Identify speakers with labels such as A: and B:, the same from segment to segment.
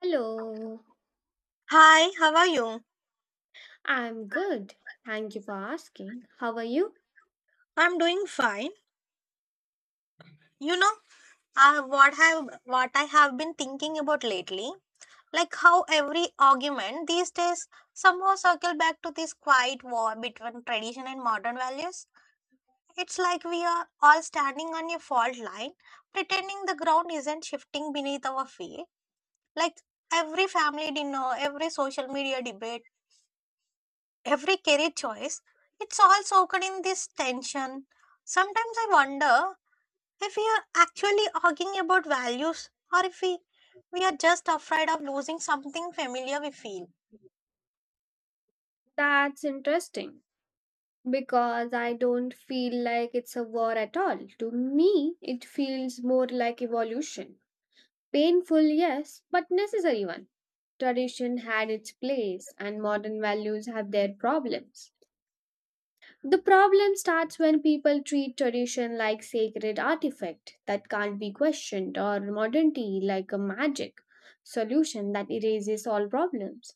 A: Hello,
B: Hi, how are you?
A: I'm good. Thank you for asking. How are you?
B: I'm doing fine. You know, I what have what I have been thinking about lately, like how every argument these days somehow circle back to this quiet war between tradition and modern values. It's like we are all standing on a fault line, pretending the ground isn't shifting beneath our feet. Like every family dinner, every social media debate, every career choice, it's all soaked in this tension. Sometimes I wonder if we are actually arguing about values or if we are just afraid of losing something familiar we feel.
A: That's interesting because I don't feel like it's a war at all. To me, it feels more like evolution. Painful, yes, but necessary one. Tradition had its place, and modern values have their problems. The problem starts when people treat tradition like sacred artifact that can't be questioned or modernity like a magic solution that erases all problems.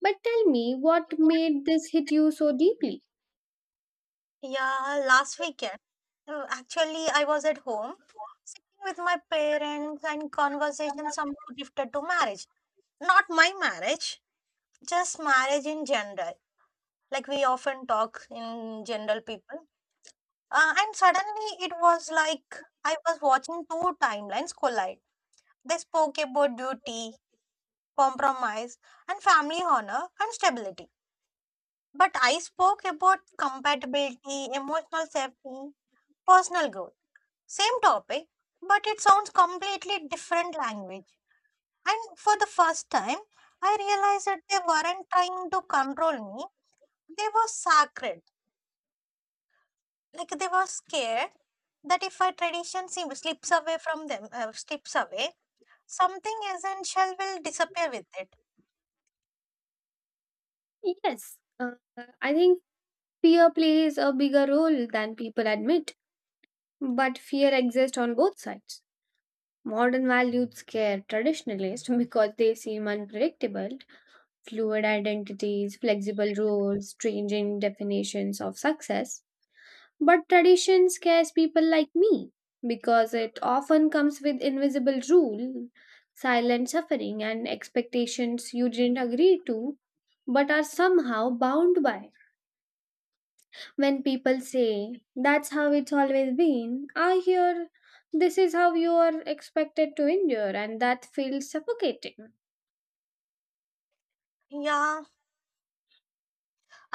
A: But tell me what made this hit you so deeply?
B: Yeah. Last weekend, actually I was at home sitting with my parents and conversation somehow drifted to marriage, not my marriage, just marriage in general, like we often talk in general people. Uh, and suddenly it was like I was watching two timelines collide. They spoke about duty, compromise, and family honor and stability. But I spoke about compatibility, emotional safety, personal growth. Same topic, but it sounds completely different language. And for the first time, I realized that they weren't trying to control me. They were sacred. Like they were scared that if a tradition slips away from them, something essential will disappear with it.
A: Yes, Uh, I think fear plays a bigger role than people admit, but fear exists on both sides. Modern values scare traditionalists because they seem unpredictable, fluid identities, flexible roles, changing definitions of success. But tradition scares people like me because it often comes with invisible rule, silent suffering, and expectations you didn't agree to but are somehow bound by. When people say, that's how it's always been, I hear, this is how you are expected to endure, and that feels suffocating.
B: Yeah,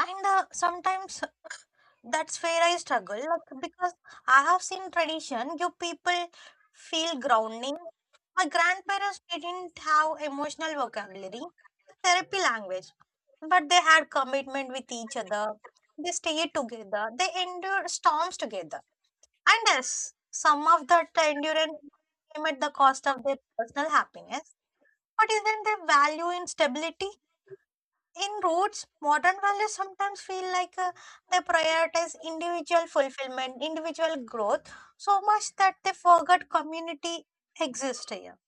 B: and sometimes that's where I struggle, like because I have seen tradition give people feel grounding. My grandparents didn't have emotional vocabulary, therapy language, but they had commitment with each other. They stayed together. They endured storms together. And yes, some of that endurance came at the cost of their personal happiness. But isn't there value in stability? In roots, modern values sometimes feel like they prioritize individual fulfillment, individual growth, so much that they forget community exists here.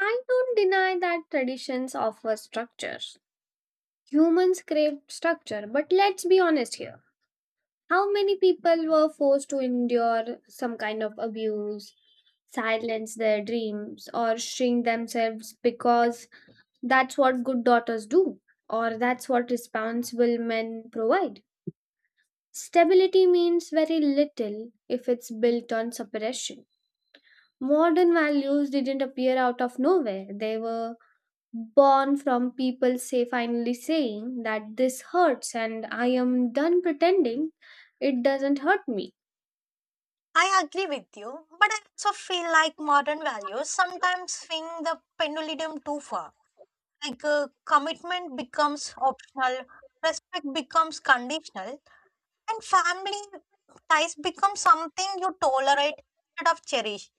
A: I don't deny that traditions offer structure. Humans crave structure, but let's be honest here. How many people were forced to endure some kind of abuse, silence their dreams, or shrink themselves because that's what good daughters do, or that's what responsible men provide? Stability means very little if it's built on suppression. Modern values didn't appear out of nowhere, they were born from people say finally saying that this hurts and I am done pretending it doesn't hurt me.
B: I agree with you, but I also feel like modern values sometimes swing the pendulum too far. Like commitment becomes optional, respect becomes conditional, and family ties become something you tolerate instead of cherish.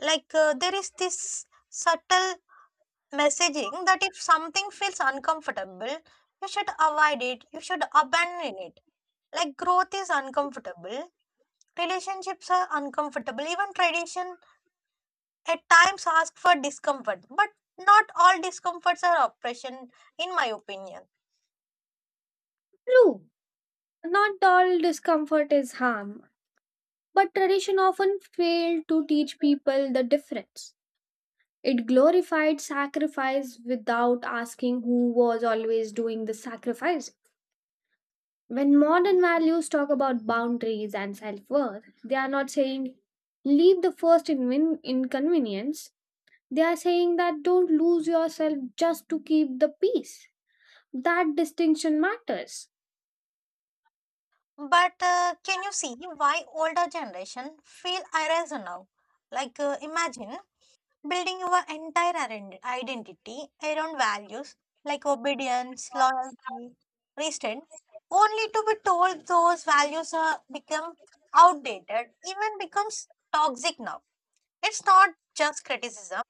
B: Like there is this subtle messaging that if something feels uncomfortable, you should avoid it, you should abandon it. Like growth is uncomfortable, relationships are uncomfortable, even tradition at times ask for discomfort, but not all discomforts are oppression, in my opinion.
A: True, not all discomfort is harm, but tradition often failed to teach people the difference. It glorified sacrifice without asking who was always doing the sacrifice. When modern values talk about boundaries and self worth, they are not saying leave the first inconvenience. They are saying that don't lose yourself just to keep the peace. That distinction matters.
B: But can you see why older generation feel erased now? Like imagine building your entire identity around values like obedience, loyalty, restraint, only to be told those values are become outdated, even becomes toxic now. It's not just criticism,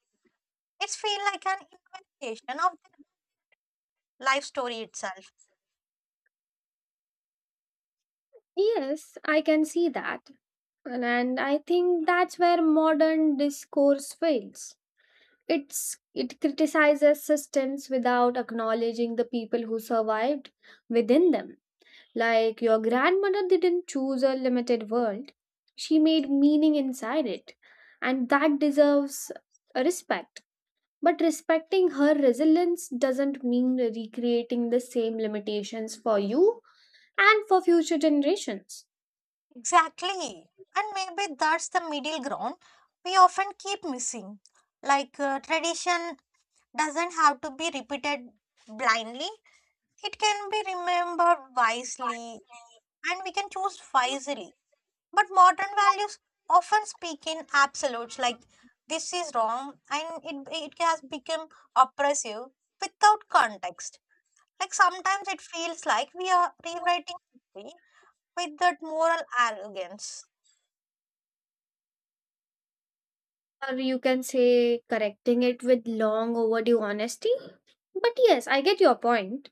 B: it's feel like an invitation of the life story itself.
A: Yes, I can see that. And I think that's where modern discourse fails. It criticizes systems without acknowledging the people who survived within them. Like your grandmother didn't choose a limited world. She made meaning inside it. And that deserves respect. But respecting her resilience doesn't mean recreating the same limitations for you and for future generations.
B: Exactly. And maybe that's the middle ground we often keep missing. Like tradition doesn't have to be repeated blindly. It can be remembered wisely, and we can choose wisely. But modern values often speak in absolutes like this is wrong and it has become oppressive without context. Like sometimes it feels like we are rewriting history with that moral arrogance.
A: Or you can say correcting it with long overdue honesty. But yes, I get your point.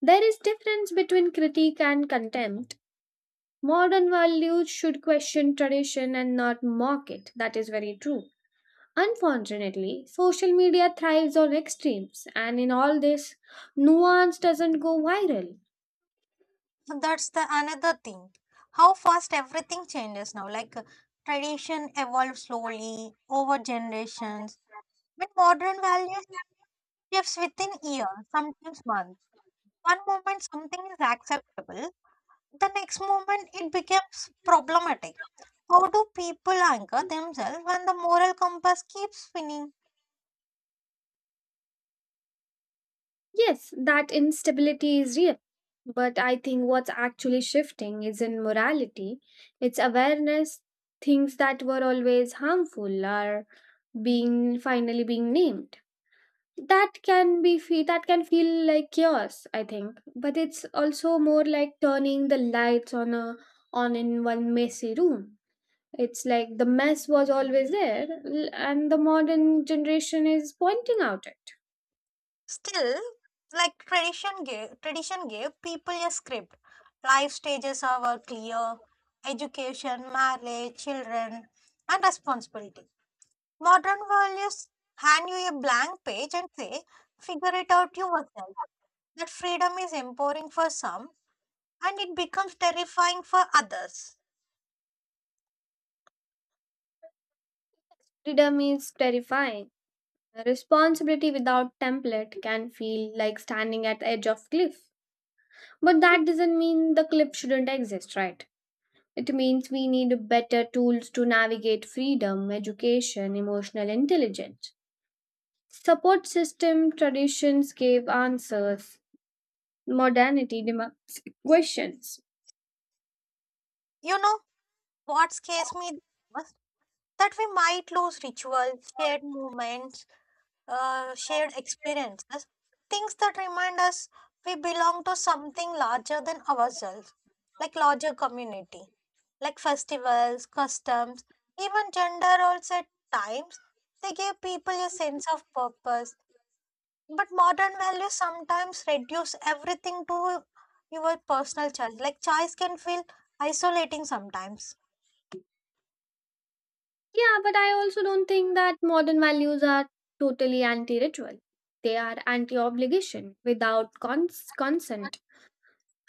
A: There is difference between critique and contempt. Modern values should question tradition and not mock it. That is very true. Unfortunately, social media thrives on extremes, and in all this, nuance doesn't go viral.
B: That's the another thing. How fast everything changes now. Like tradition evolves slowly over generations. But modern values shifts within years, sometimes months. One moment something is acceptable, the next moment it becomes problematic. How do people anchor themselves when the moral compass keeps spinning?
A: Yes, that instability is real. But I think what's actually shifting isn't morality, it's awareness. Things that were always harmful are being finally being named. That can feel like chaos, I think. But it's also more like turning the lights on a on in one messy room. It's like the mess was always there, and the modern generation is pointing out it.
B: Still, like tradition gave people a script. Life stages are were clear: education, marriage, children, and responsibility. Modern values hand you a blank page and say, figure it out yourself. That freedom is empowering for some, and it becomes terrifying for others.
A: Freedom is terrifying. A responsibility without template can feel like standing at the edge of cliff. But that doesn't mean the cliff shouldn't exist, right? It means we need better tools to navigate freedom, education, emotional intelligence. Support system traditions gave answers. Modernity demands questions.
B: You know what scares me the most? That we might lose rituals, shared moments, shared experiences, things that remind us we belong to something larger than ourselves, like larger community, like festivals, customs, even gender roles at times. They give people a sense of purpose. But modern values sometimes reduce everything to your personal choice. Like choice can feel isolating sometimes.
A: Yeah, but I also don't think that modern values are totally anti ritual. They are anti obligation without consent.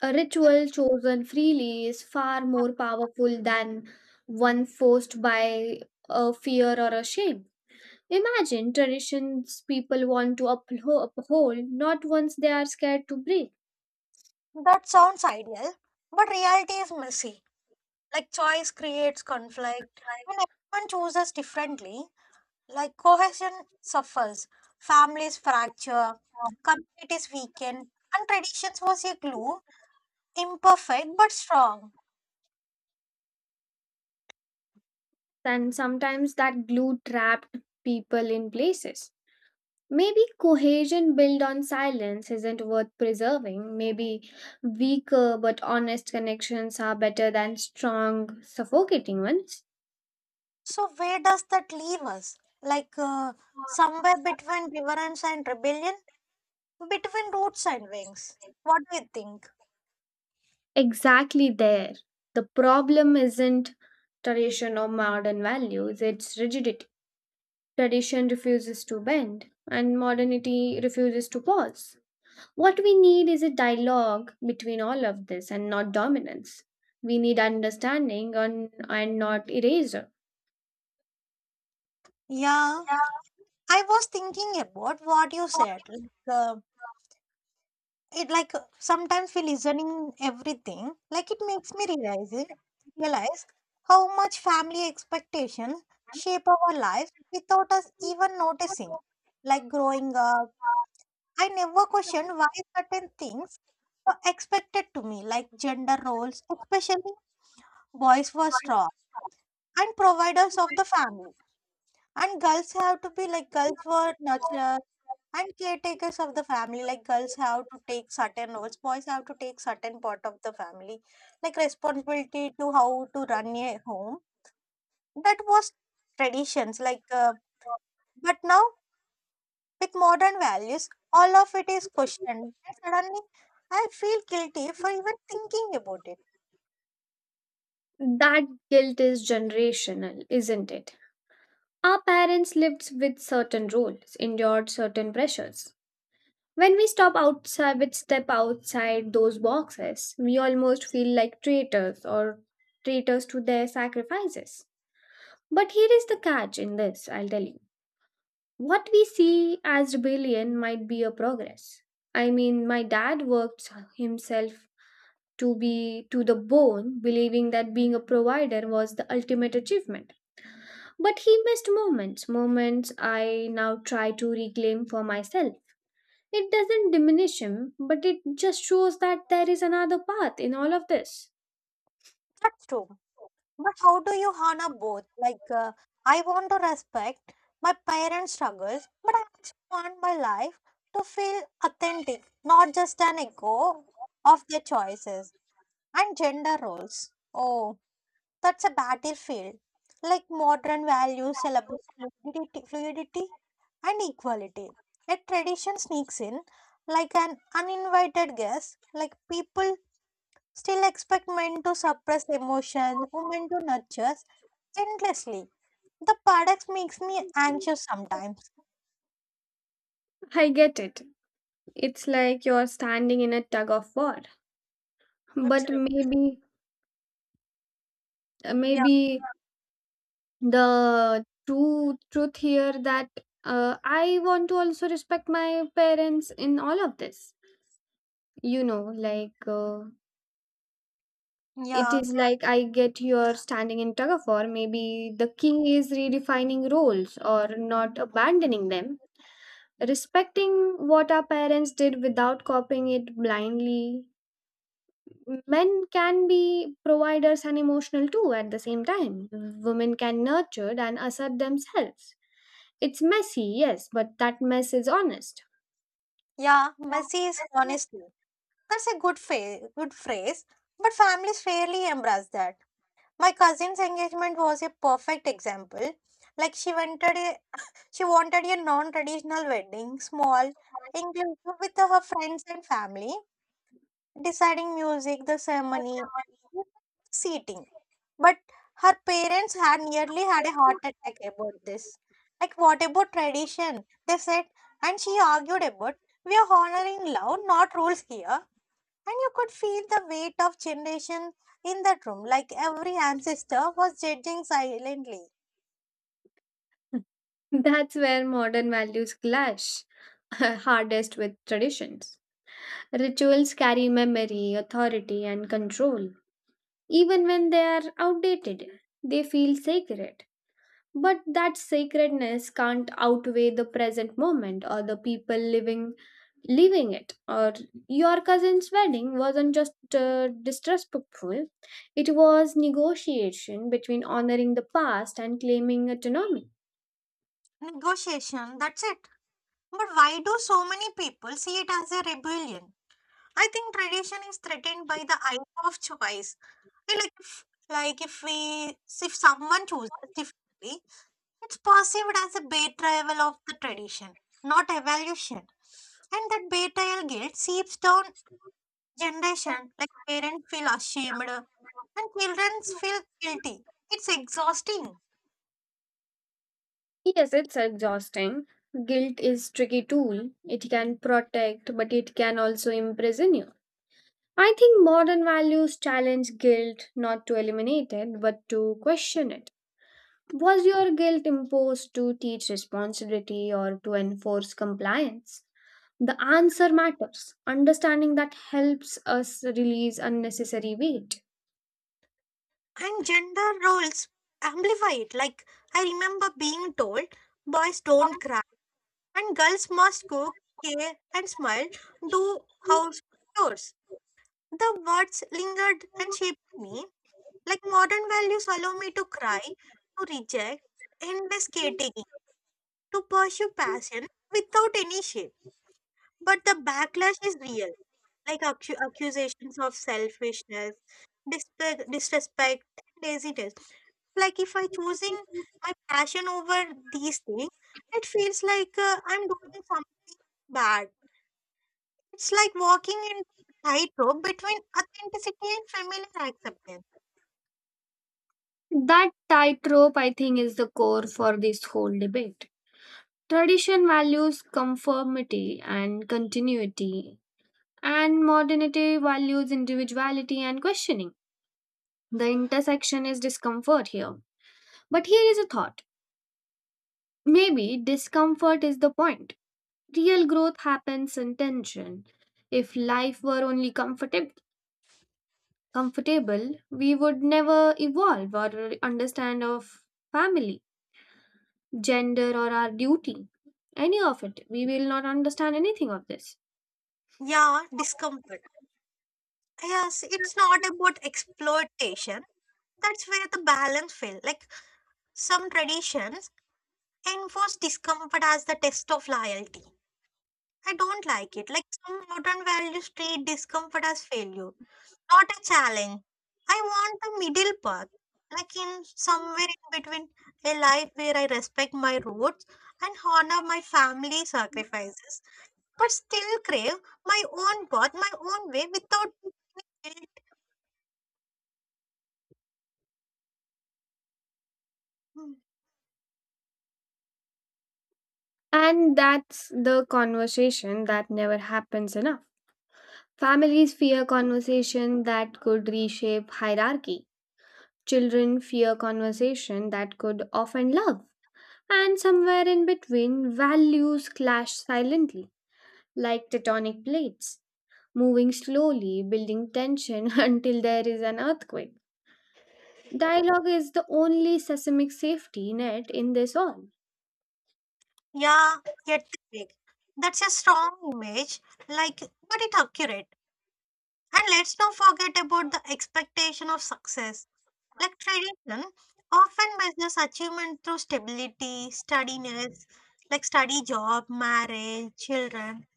A: A ritual chosen freely is far more powerful than one forced by a fear or a shame. Imagine traditions people want to uphold, not ones they are scared to break,
B: That sounds ideal, but reality is messy. Like choice creates conflict. When everyone chooses differently, like cohesion suffers, families fracture, communities weaken, and traditions was a glue, imperfect but strong.
A: and sometimes that glue trapped people in places. Maybe cohesion built on silence isn't worth preserving. Maybe weaker but honest connections are better than strong, suffocating ones.
B: So where does that leave us? Like somewhere between reverence and rebellion? Between roots and wings. What do you think?
A: Exactly there. The problem isn't tradition or modern values, it's rigidity. Tradition refuses to bend, and modernity refuses to pause. What we need is a dialogue between all of this and not dominance. We need understanding on, and not erasure.
B: Yeah, I was thinking about what you said. Like, uh, it like sometimes we listening everything. Like it makes me realize realize how much family expectations shape our lives without us even noticing. Like growing up, I never questioned why certain things were expected to me, like gender roles, especially boys were strong and providers of the family. And girls have to be like girls were nurturers and caretakers of the family. Like girls have to take certain roles, boys have to take certain part of the family, like responsibility to how to run a home. That was traditions. Like, but now with modern values, all of it is questioned. And suddenly, I feel guilty for even thinking about it.
A: That guilt is generational, isn't it? Our parents lived with certain rules, endured certain pressures. When we step outside those boxes, we almost feel like traitors or traitors to their sacrifices. But here is the catch in this, I'll tell you. What we see as rebellion might be a progress. I mean, my dad worked himself to the bone, believing that being a provider was the ultimate achievement. But he missed moments, moments I now try to reclaim for myself. It doesn't diminish him, but it just shows that there is another path in all of this.
B: That's true. But how do you honor both? Like, I want to respect my parents' struggles, but I also want my life to feel authentic, not just an echo of their choices and gender roles. Oh, that's a battlefield. Like modern values celebrate fluidity, fluidity and equality. Yet tradition sneaks in like an uninvited guest, like people still expect men to suppress emotion, women to nurture endlessly. The paradox makes me anxious sometimes.
A: I get it. It's like you're standing in a tug of war. But
B: Absolutely. Yeah.
A: maybe the true truth here that I want to also respect my parents in all of this. You know, it
B: Yeah.
A: is like I get your standing in tug of war. Maybe the key is redefining roles or not abandoning them, respecting what our parents did without copying it blindly. Men can be providers and emotional too at the same time. Women can nurture and assert themselves. It's messy, yes, but that mess is honest.
B: Yeah. Messy is honesty. That's a good phrase. But families rarely embrace that. My cousin's engagement was a perfect example. Like she wanted a non-traditional wedding, small, inclusive with her friends and family, deciding music, the ceremony, seating. But her parents had nearly had a heart attack about this. Like, what about tradition? They said, and she argued about, we are honoring love, not rules here. And you could feel the weight of generation in that room, like every ancestor was judging silently.
A: That's where modern values clash hardest with traditions. Rituals carry memory, authority, and control. Even when they are outdated, they feel sacred. But that sacredness can't outweigh the present moment or the people living it. Or your cousin's wedding wasn't just disrespectful; it was negotiation between honoring the past and claiming autonomy.
B: Negotiation, that's it. But why do so many people see it as a rebellion? I think tradition is threatened by the idea of choice. Like, if someone chooses differently, it's perceived as a betrayal of the tradition, not evolution. And that betrayal guilt seeps down generation, like parents feel ashamed and children feel guilty. It's exhausting.
A: Yes, it's exhausting. Guilt is tricky tool. It can protect, but it can also imprison you. I think modern values challenge guilt not to eliminate it, but to question it. Was your guilt imposed to teach responsibility or to enforce compliance? The answer matters. Understanding that helps us release unnecessary weight.
B: And gender roles amplify it. Like I remember being told boys don't cry and girls must cook, care and smile, do house chores. The words lingered and shaped me. Like modern values allow me to cry, to reject endless category, to pursue passion without any shame. But the backlash is real, like accusations of selfishness, disrespect, and laziness. Like if I choosing my passion over these things, it feels like I'm doing something bad. It's like walking in tightrope between authenticity and familiar acceptance.
A: That tightrope, I think, is the core for this whole debate. Tradition values conformity and continuity, and modernity values individuality and questioning. The intersection is discomfort here. But here is a thought. Maybe discomfort is the point. Real growth happens in tension. If life were only comfortable, we would never evolve or understand our family, gender or our duty. Any of it. We will not understand anything of this.
B: Yeah, discomfort. Yes, it's not about exploitation. That's where the balance fell. Like some traditions enforce discomfort as the test of loyalty. I don't like it. Like some modern values treat discomfort as failure, not a challenge. I want the middle path, like in somewhere in between, a life where I respect my roots and honor my family sacrifices, but still crave my own path, my own way without guilt. Hmm.
A: And that's the conversation that never happens enough. Families fear conversation that could reshape hierarchy. Children fear conversation that could often love, and somewhere in between, values clash silently, like tectonic plates, moving slowly, building tension until there is an earthquake. Dialogue is the only seismic safety net in this all.
B: Yeah, yet big. That's a strong image, like, but it accurate. And let's not forget about the expectation of success. Like tradition often measures achievement through stability, steadiness, like study, job, marriage, children.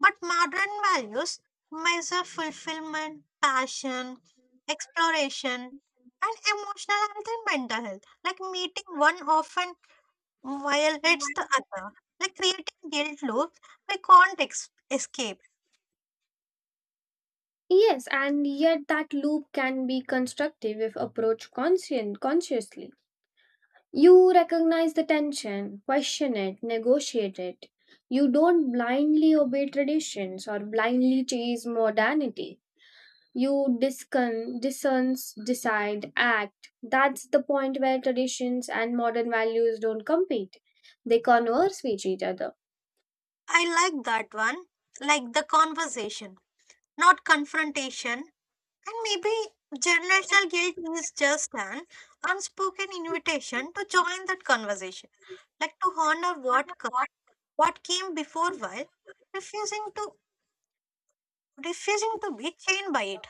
B: But modern values measure fulfillment, passion, exploration, and emotional health and mental health. Like meeting one often while it's the other, like creating guilt loops we can't escape.
A: Yes, and yet that loop can be constructive if approached consciously. You recognize the tension, question it, negotiate it. You don't blindly obey traditions or blindly chase modernity. You discern, decide, act. That's the point where traditions and modern values don't compete. They converse with each other.
B: I like that one, like the conversation, not confrontation. And maybe generational guilt is just an unspoken invitation to join that conversation, like to honor what came before while refusing to refusing to be chained by it.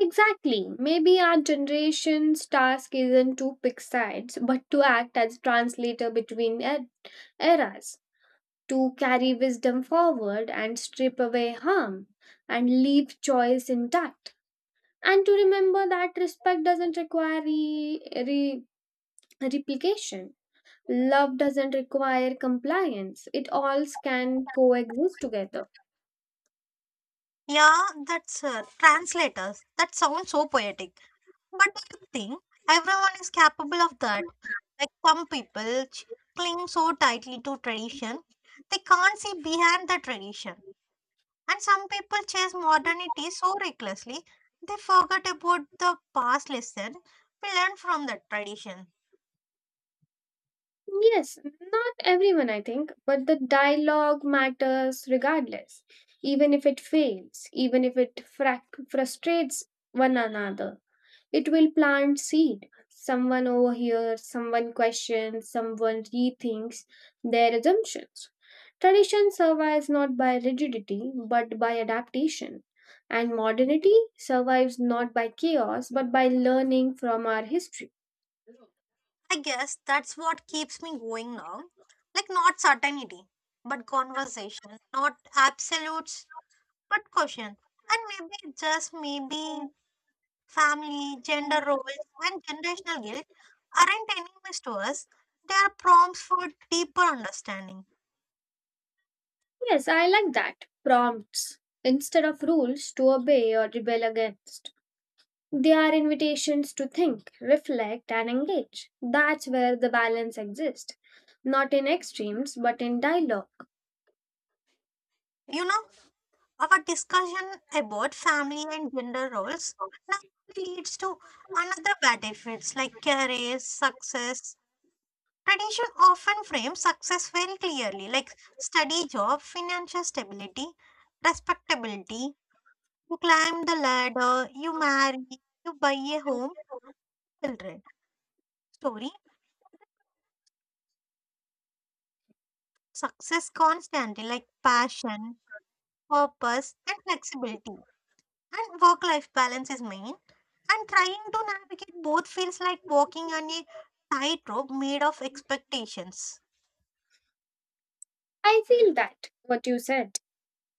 A: Exactly. Maybe our generation's task isn't to pick sides, but to act as translator between eras, to carry wisdom forward and strip away harm and leave choice intact. And to remember that respect doesn't require re- replication, love doesn't require compliance, it all can coexist together.
B: Yeah, that's translators. That sounds so poetic. But I think everyone is capable of that? Like some people cling so tightly to tradition, they can't see behind the tradition. And some people chase modernity so recklessly, they forget about the past lesson we learned from the tradition.
A: Yes, not everyone, I think, but the dialogue matters regardless, even if it fails, even if it frustrates one another. It will plant seed. Someone overhears, someone questions, someone rethinks their assumptions. Tradition survives not by rigidity but by adaptation. And modernity survives not by chaos but by learning from our history.
B: I guess that's what keeps me going now. Like not certainty, but conversation, not absolutes, but caution. And maybe, just maybe, family, gender roles, and generational guilt aren't enemies to us, they are prompts for deeper understanding.
A: Yes, I like that. Prompts instead of rules to obey or rebel against. They are invitations to think, reflect, and engage. That's where the balance exists. Not in extremes, but in dialogue.
B: You know, our discussion about family and gender roles now leads to another battlefields like career, success. Tradition often frames success very clearly, like study, job, financial stability, respectability. You climb the ladder, you marry, you buy a home, children. Story. Success constantly, like passion, purpose, and flexibility. And work life balance is main. And trying to navigate both feels like walking on a tightrope made of expectations.
A: I feel that, what you said.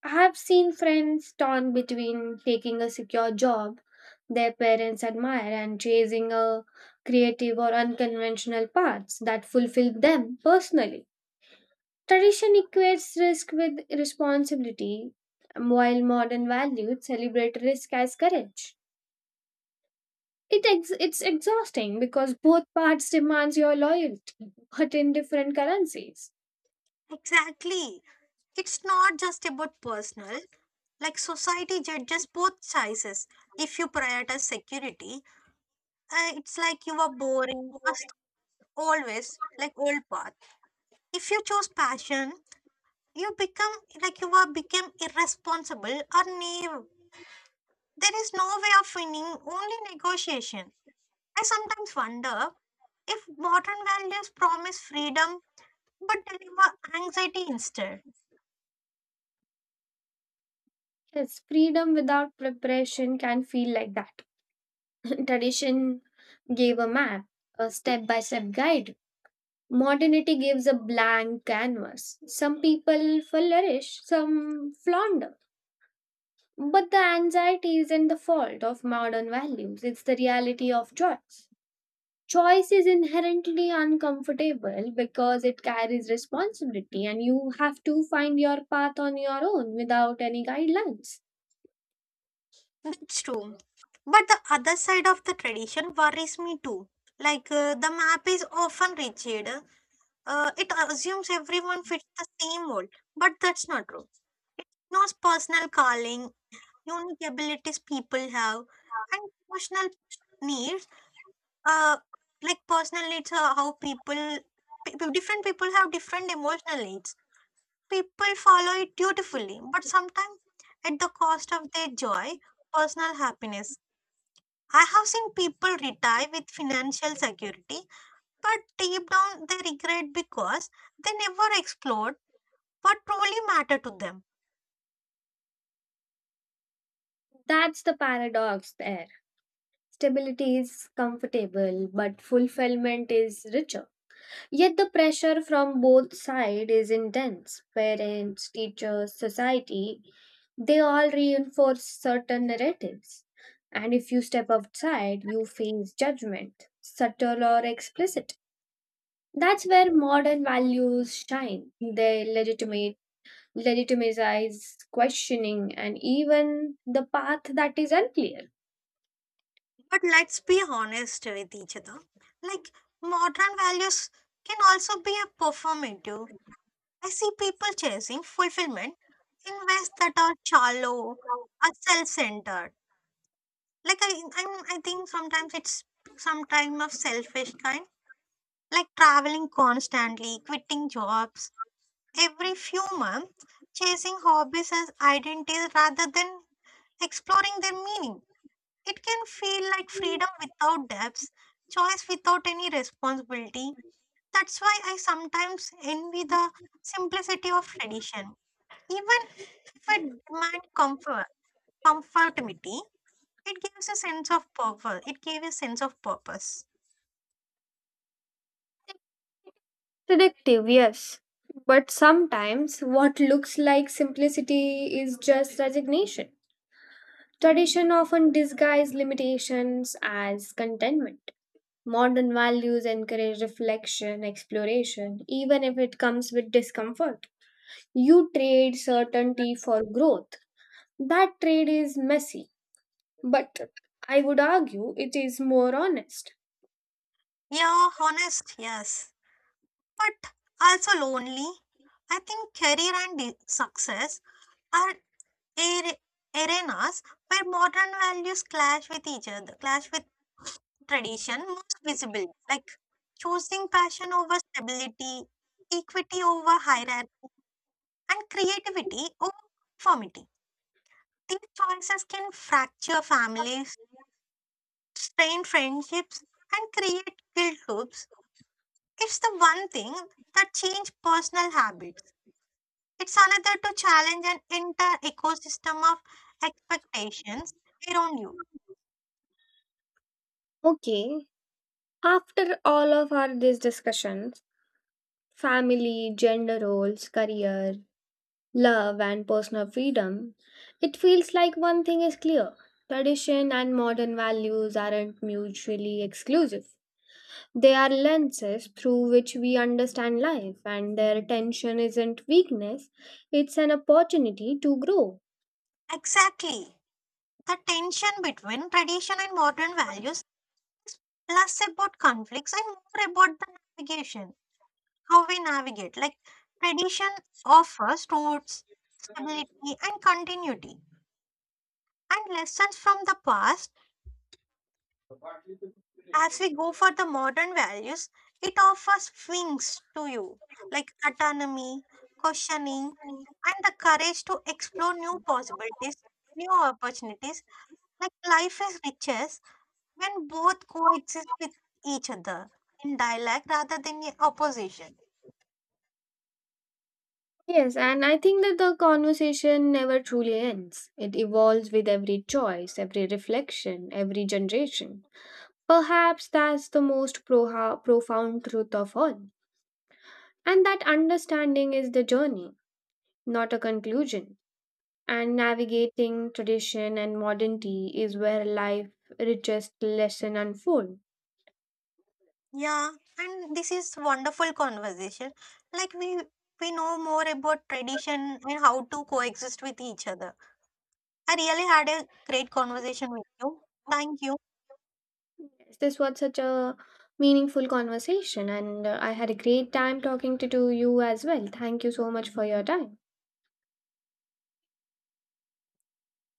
A: I have seen friends torn between taking a secure job their parents admire and chasing a creative or unconventional paths that fulfill them personally. Tradition equates risk with responsibility, while modern values celebrate risk as courage. It's exhausting because both parts demands your loyalty, but in different currencies.
B: Exactly. It's not just about personal, like society judges both choices. If you prioritize security, it's like you are boring, as always, like old path. If you choose passion, you become like you are become irresponsible or naive. There is no way of winning, only negotiation. I sometimes wonder if modern values promise freedom but deliver anxiety instead.
A: Yes, freedom without preparation can feel like that. Tradition gave a map, a step-by-step guide. Modernity gives a blank canvas. Some people flourish, some flounder. But the anxiety isn't the fault of modern values, it's the reality of choice. Choice is inherently uncomfortable because it carries responsibility and you have to find your path on your own without any guidelines.
B: That's true. But the other side of the tradition worries me too. Like the map is often rigid, it assumes everyone fits the same mold, but that's not true. It ignores personal calling, unique abilities people have, and emotional needs. Uh, like personal needs are how different people have different emotional needs. People follow it dutifully, but sometimes at the cost of their joy, personal happiness. I have seen people retire with financial security, but deep down they regret because they never explored what truly mattered to them.
A: That's the paradox there. Stability is comfortable, but fulfillment is richer. Yet the pressure from both sides is intense. Parents, teachers, society, they all reinforce certain narratives. And if you step outside, you face judgment, subtle or explicit. That's where modern values shine. Legitimize questioning and even the path that is unclear.
B: But let's be honest with each other. Like modern values can also be a performative. I see people chasing fulfillment in ways that are shallow, are self-centered. Like I think sometimes it's some kind of selfish kind, like traveling constantly, quitting jobs every few months, chasing hobbies as identities rather than exploring their meaning. It can feel like freedom without depths, choice without any responsibility. That's why I sometimes envy the simplicity of tradition. Even if it demand comfort, comfortability, it gives a sense of purpose. It gave a sense of purpose.
A: Selective, yes. But sometimes what looks like simplicity is just resignation. Tradition often disguise limitations as contentment. Modern values encourage reflection, exploration, even if it comes with discomfort. You trade certainty for growth. That trade is messy, but I would argue it is more honest.
B: Yeah, honest, yes, but also lonely. I think career and success are are- arenas where modern values clash with each other, clash with tradition most visibly, like choosing passion over stability, equity over hierarchy, and creativity over conformity. These choices can fracture families, strain friendships, and create guilt loops. It's the one thing that change personal habits. It's another to challenge an entire ecosystem of expectations around you.
A: Okay, after all of our these discussions, family, gender roles, career, love, and personal freedom, it feels like one thing is clear. Tradition and modern values aren't mutually exclusive. They are lenses through which we understand life, and their tension isn't weakness, it's an opportunity to grow.
B: Exactly. The tension between tradition and modern values less about conflicts and more about the navigation, how we navigate. Like tradition offers roots, stability, and continuity and lessons from the past, as we go for the modern values, it offers wings to you, like autonomy, questioning, and the courage to explore new possibilities, new opportunities. Like life is richest when both coexist with each other in dialogue rather than in opposition.
A: Yes, and I think that the conversation never truly ends. It evolves with every choice, every reflection, every generation. Perhaps that's the most profound truth of all. And that understanding is the journey, not a conclusion. And navigating tradition and modernity is where life richest lesson unfold.
B: Yeah, and this is wonderful conversation. Like we know more about tradition and how to coexist with each other. I really had a great conversation with you. Thank you.
A: Yes, this was such a meaningful conversation, and I had a great time talking to you as well. Thank you so much for your time.